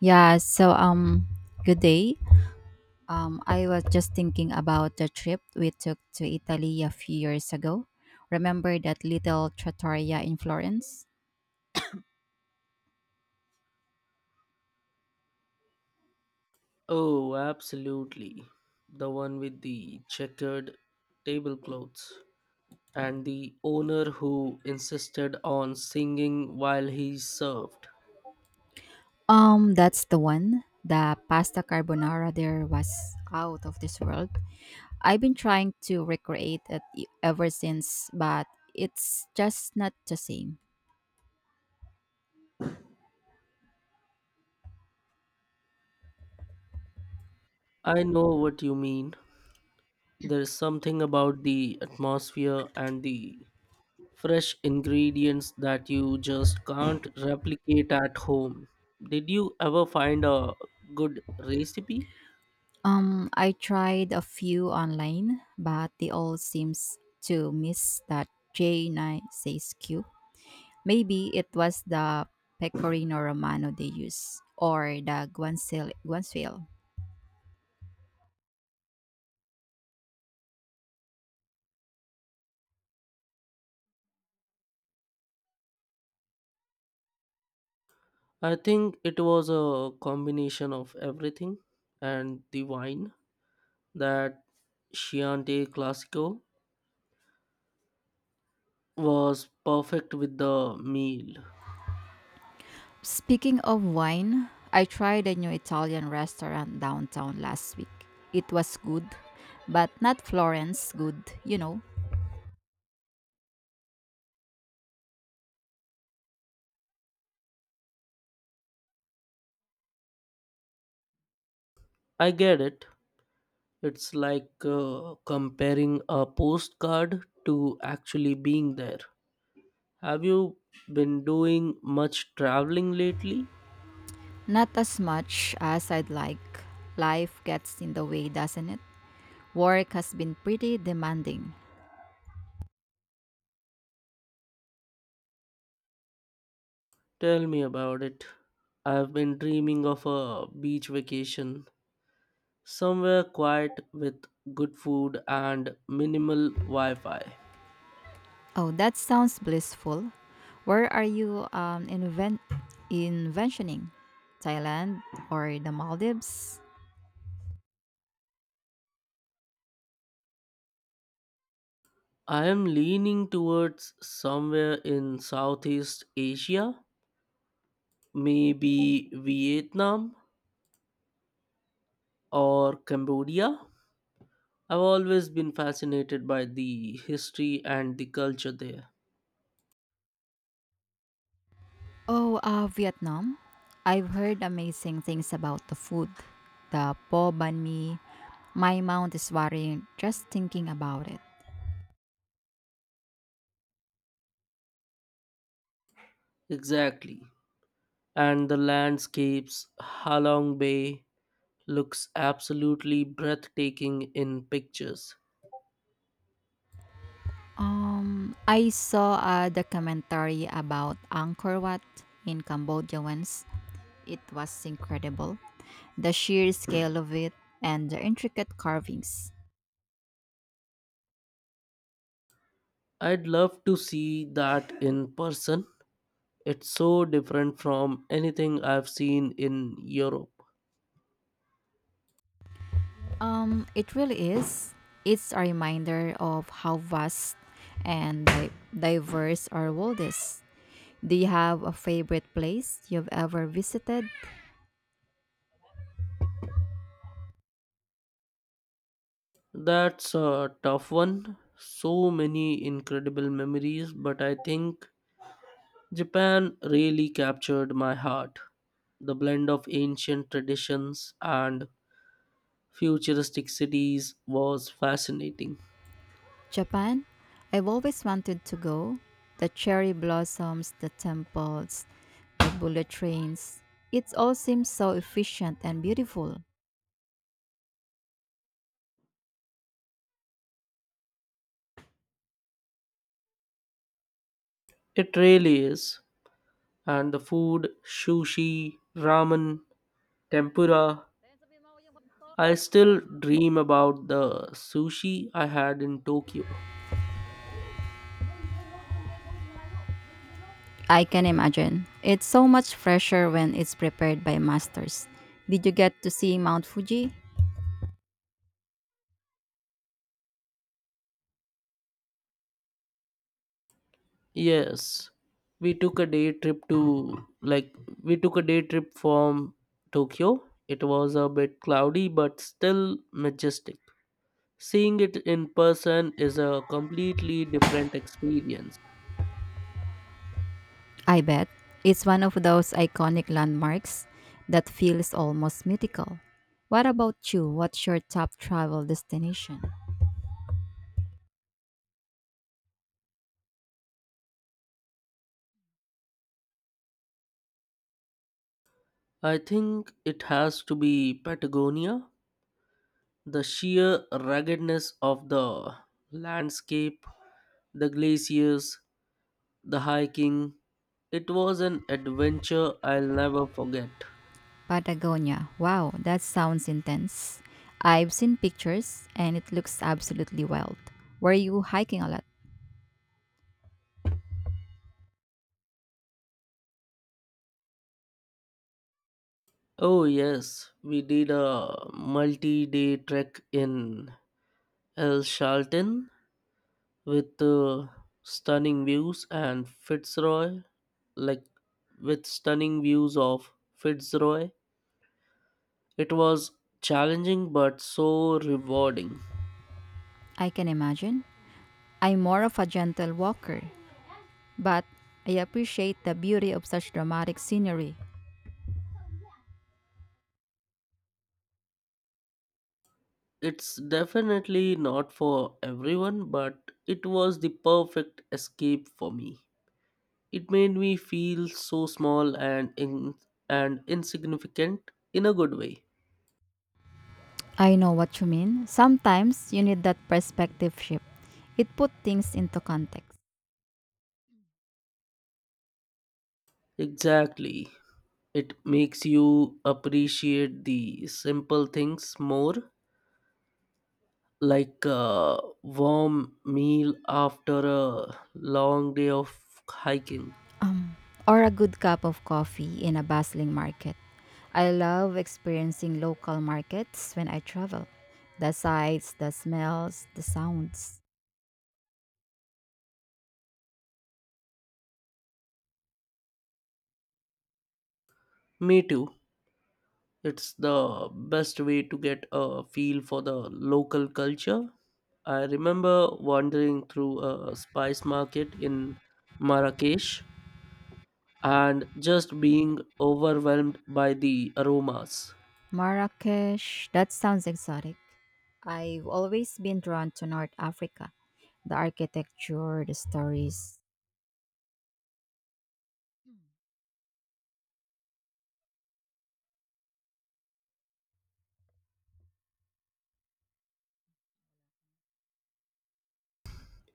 Yeah. Good day. I was just thinking about the trip we took to Italy a few years ago. Remember that little trattoria in Florence? Oh, absolutely. The one with the checkered tablecloths and the owner who insisted on singing while he served. That's the one. The pasta carbonara there was out of this world. I've been trying to recreate it ever since, but it's just not the same. I know what you mean. There is something about the atmosphere and the fresh ingredients that you just can't replicate at home. Did you ever find a good recipe? I tried a few online, but they all seems to miss that J9 says. Maybe it was the Pecorino Romano they used, or the Guanciale. I think it was a combination of everything and the wine. That Chianti Classico was perfect with the meal. Speaking of wine, I tried a new Italian restaurant downtown last week. It was good, but not Florence good, you know. I get it. It's like comparing a postcard to actually being there. Have you been doing much traveling lately? Not as much as I'd like. Life gets in the way, doesn't it? Work has been pretty demanding. Tell me about it. I've been dreaming of a beach vacation, somewhere quiet with good food and minimal Wi Fi. Oh, that sounds blissful. Where are you, inventioning? Thailand or the Maldives? I am leaning towards somewhere in Southeast Asia, maybe Vietnam or Cambodia. I've always been fascinated by the history and the culture there. Oh, Vietnam. I've heard amazing things about the food. The po ban mi. My mouth is watering just thinking about it. Exactly. And the landscapes, Halong Bay looks absolutely breathtaking in pictures. I saw a documentary about Angkor Wat in Cambodia once. It was incredible. The sheer scale of it and the intricate carvings. I'd love to see that in person. It's so different from anything I've seen in Europe. It really is. It's a reminder of how vast and diverse our world is. Do you have a favorite place you've ever visited? That's a tough one. So many incredible memories, but I think Japan really captured my heart. The blend of ancient traditions and futuristic cities was fascinating. Japan? I've always wanted to go. The cherry blossoms, the temples, the bullet trains. It all seems so efficient and beautiful. It really is. And the food, sushi, ramen, tempura. I still dream about the sushi I had in Tokyo. I can imagine. It's so much fresher when it's prepared by masters. Did you get to see Mount Fuji? Yes, we took a day trip to like we took a day trip from Tokyo. It was a bit cloudy but still majestic. Seeing it in person is a completely different experience. I bet it's one of those iconic landmarks that feels almost mythical. What about you? What's your top travel destination? I think it has to be Patagonia. The sheer ruggedness of the landscape, the glaciers, the hiking. It was an adventure I'll never forget. Patagonia. Wow, that sounds intense. I've seen pictures and it looks absolutely wild. Were you hiking a lot? Oh, yes, we did a multi day trek in El Charlton with uh, stunning views and Fitzroy, like with stunning views of Fitzroy. It was challenging but so rewarding. I can imagine. I'm more of a gentle walker, but I appreciate the beauty of such dramatic scenery. It's definitely not for everyone, but it was the perfect escape for me. It made me feel so small and insignificant in a good way. I know what you mean. Sometimes you need that perspective shift. It put things into context. Exactly. It makes you appreciate the simple things more, like a warm meal after a long day of hiking. Um, or a good cup of coffee in a bustling market. I love experiencing local markets when I travel. The sights, the smells, the sounds. Me too. It's the best way to get a feel for the local culture. I remember wandering through a spice market in Marrakesh and just being overwhelmed by the aromas. Marrakesh, that sounds exotic. I've always been drawn to North Africa. The architecture, the stories.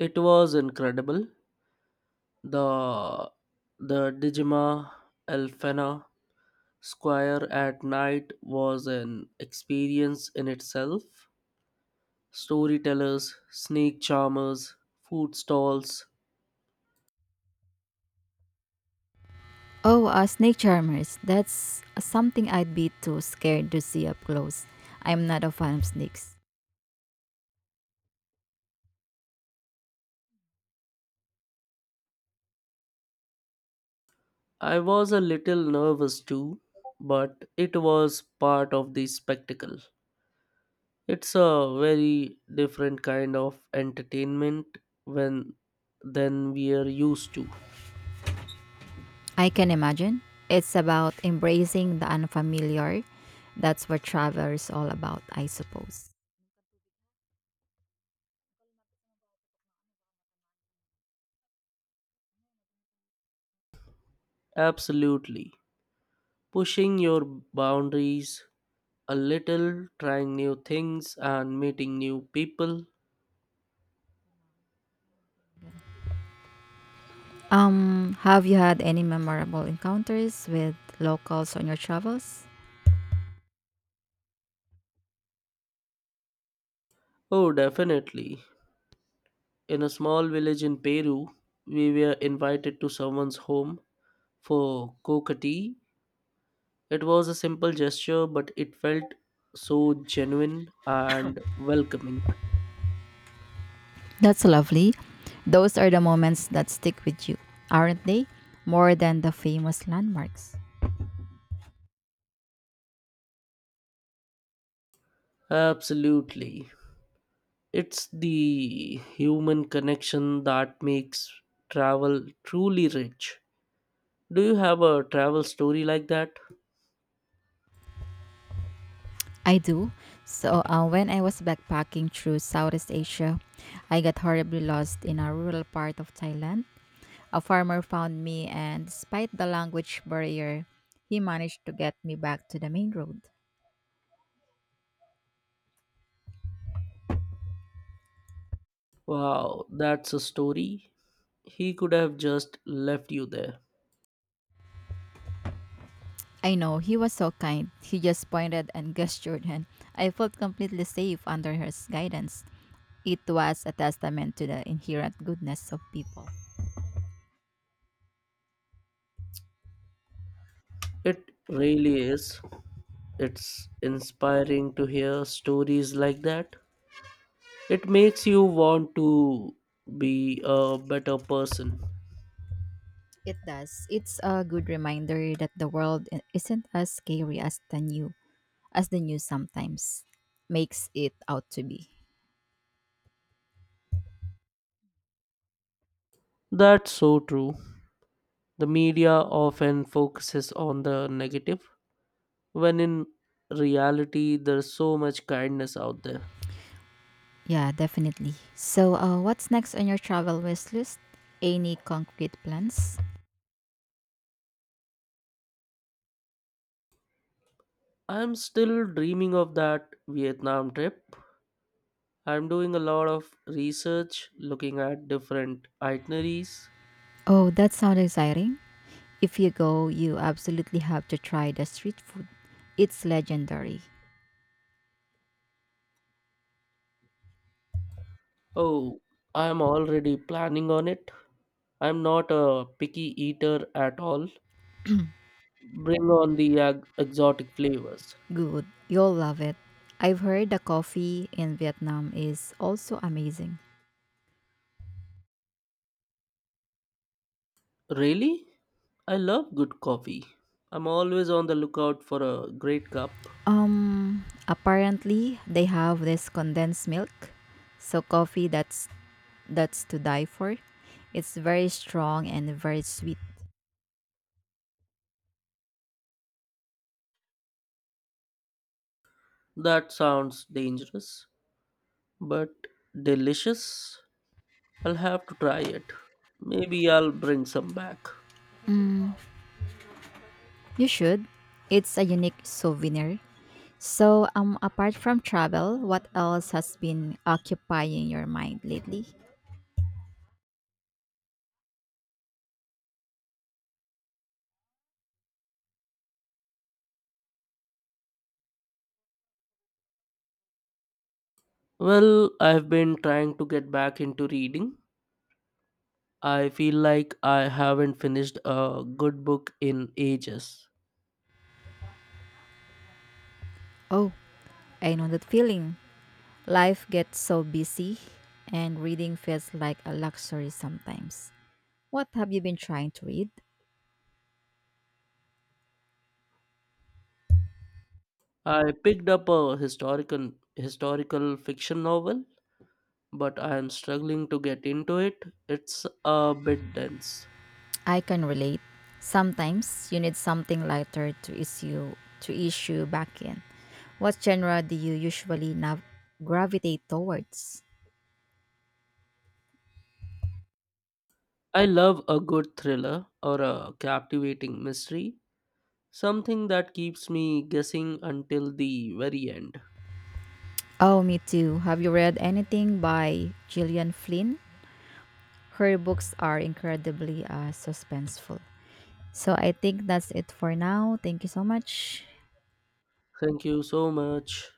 It was incredible. The the Digima Elfena Square at night was an experience in itself. Storytellers, snake charmers, food stalls. Oh, snake charmers. That's something I'd be too scared to see up close. I'm not a fan of snakes. I was a little nervous too, but it was part of the spectacle. It's a very different kind of entertainment when than we are used to. I can imagine. It's about embracing the unfamiliar. That's what travel is all about, I suppose. Absolutely. Pushing your boundaries a little, trying new things and meeting new people. Have you had any memorable encounters with locals on your travels? Oh, definitely. In a small village in Peru, we were invited to someone's home for cocoa. It was a simple gesture, but it felt so genuine and welcoming. That's lovely. Those are the moments that stick with you, aren't they? More than the famous landmarks. Absolutely. It's the human connection that makes travel truly rich. Do you have a travel story like that? I do. So, when I was backpacking through Southeast Asia, I got horribly lost in a rural part of Thailand. A farmer found me, and despite the language barrier, he managed to get me back to the main road. Wow, that's a story. He could have just left you there. I know, he was so kind. He just pointed and gestured, and I felt completely safe under his guidance. It was a testament to the inherent goodness of people. It really is. It's inspiring to hear stories like that. It makes you want to be a better person. It does. It's a good reminder that the world isn't as scary as the new, as the news sometimes makes it out to be. That's so true. The media often focuses on the negative, when in reality, there's so much kindness out there. Yeah, definitely. So, what's next on your travel wish list? Any concrete plans? I'm still dreaming of that Vietnam trip. I'm doing a lot of research, looking at different itineraries. Oh, that sounds exciting. If you go, you absolutely have to try the street food. It's legendary. Oh, I'm already planning on it. I'm not a picky eater at all. Bring on the exotic flavors. Good. You'll love it. I've heard the coffee in Vietnam is also amazing. Really? I love good coffee. I'm always on the lookout for a great cup. Apparently they have this condensed milk, so coffee that's to die for. It's very strong and very sweet. That sounds dangerous, but delicious. I'll have to try it. Maybe I'll bring some back. You should. It's a unique souvenir. So, apart from travel, what else has been occupying your mind lately? Well, I've been trying to get back into reading. I feel like I haven't finished a good book in ages. Oh, I know that feeling. Life gets so busy, and reading feels like a luxury sometimes. What have you been trying to read? I picked up a historical fiction novel, but I am struggling to get into it. It's a bit dense. I can relate. Sometimes you need something lighter to issue back in. What genre do you usually gravitate towards? I love a good thriller or a captivating mystery, something that keeps me guessing until the very end. Oh, me too. Have you read anything by Gillian Flynn? Her books are incredibly suspenseful. So I think that's it for now. Thank you so much. Thank you so much.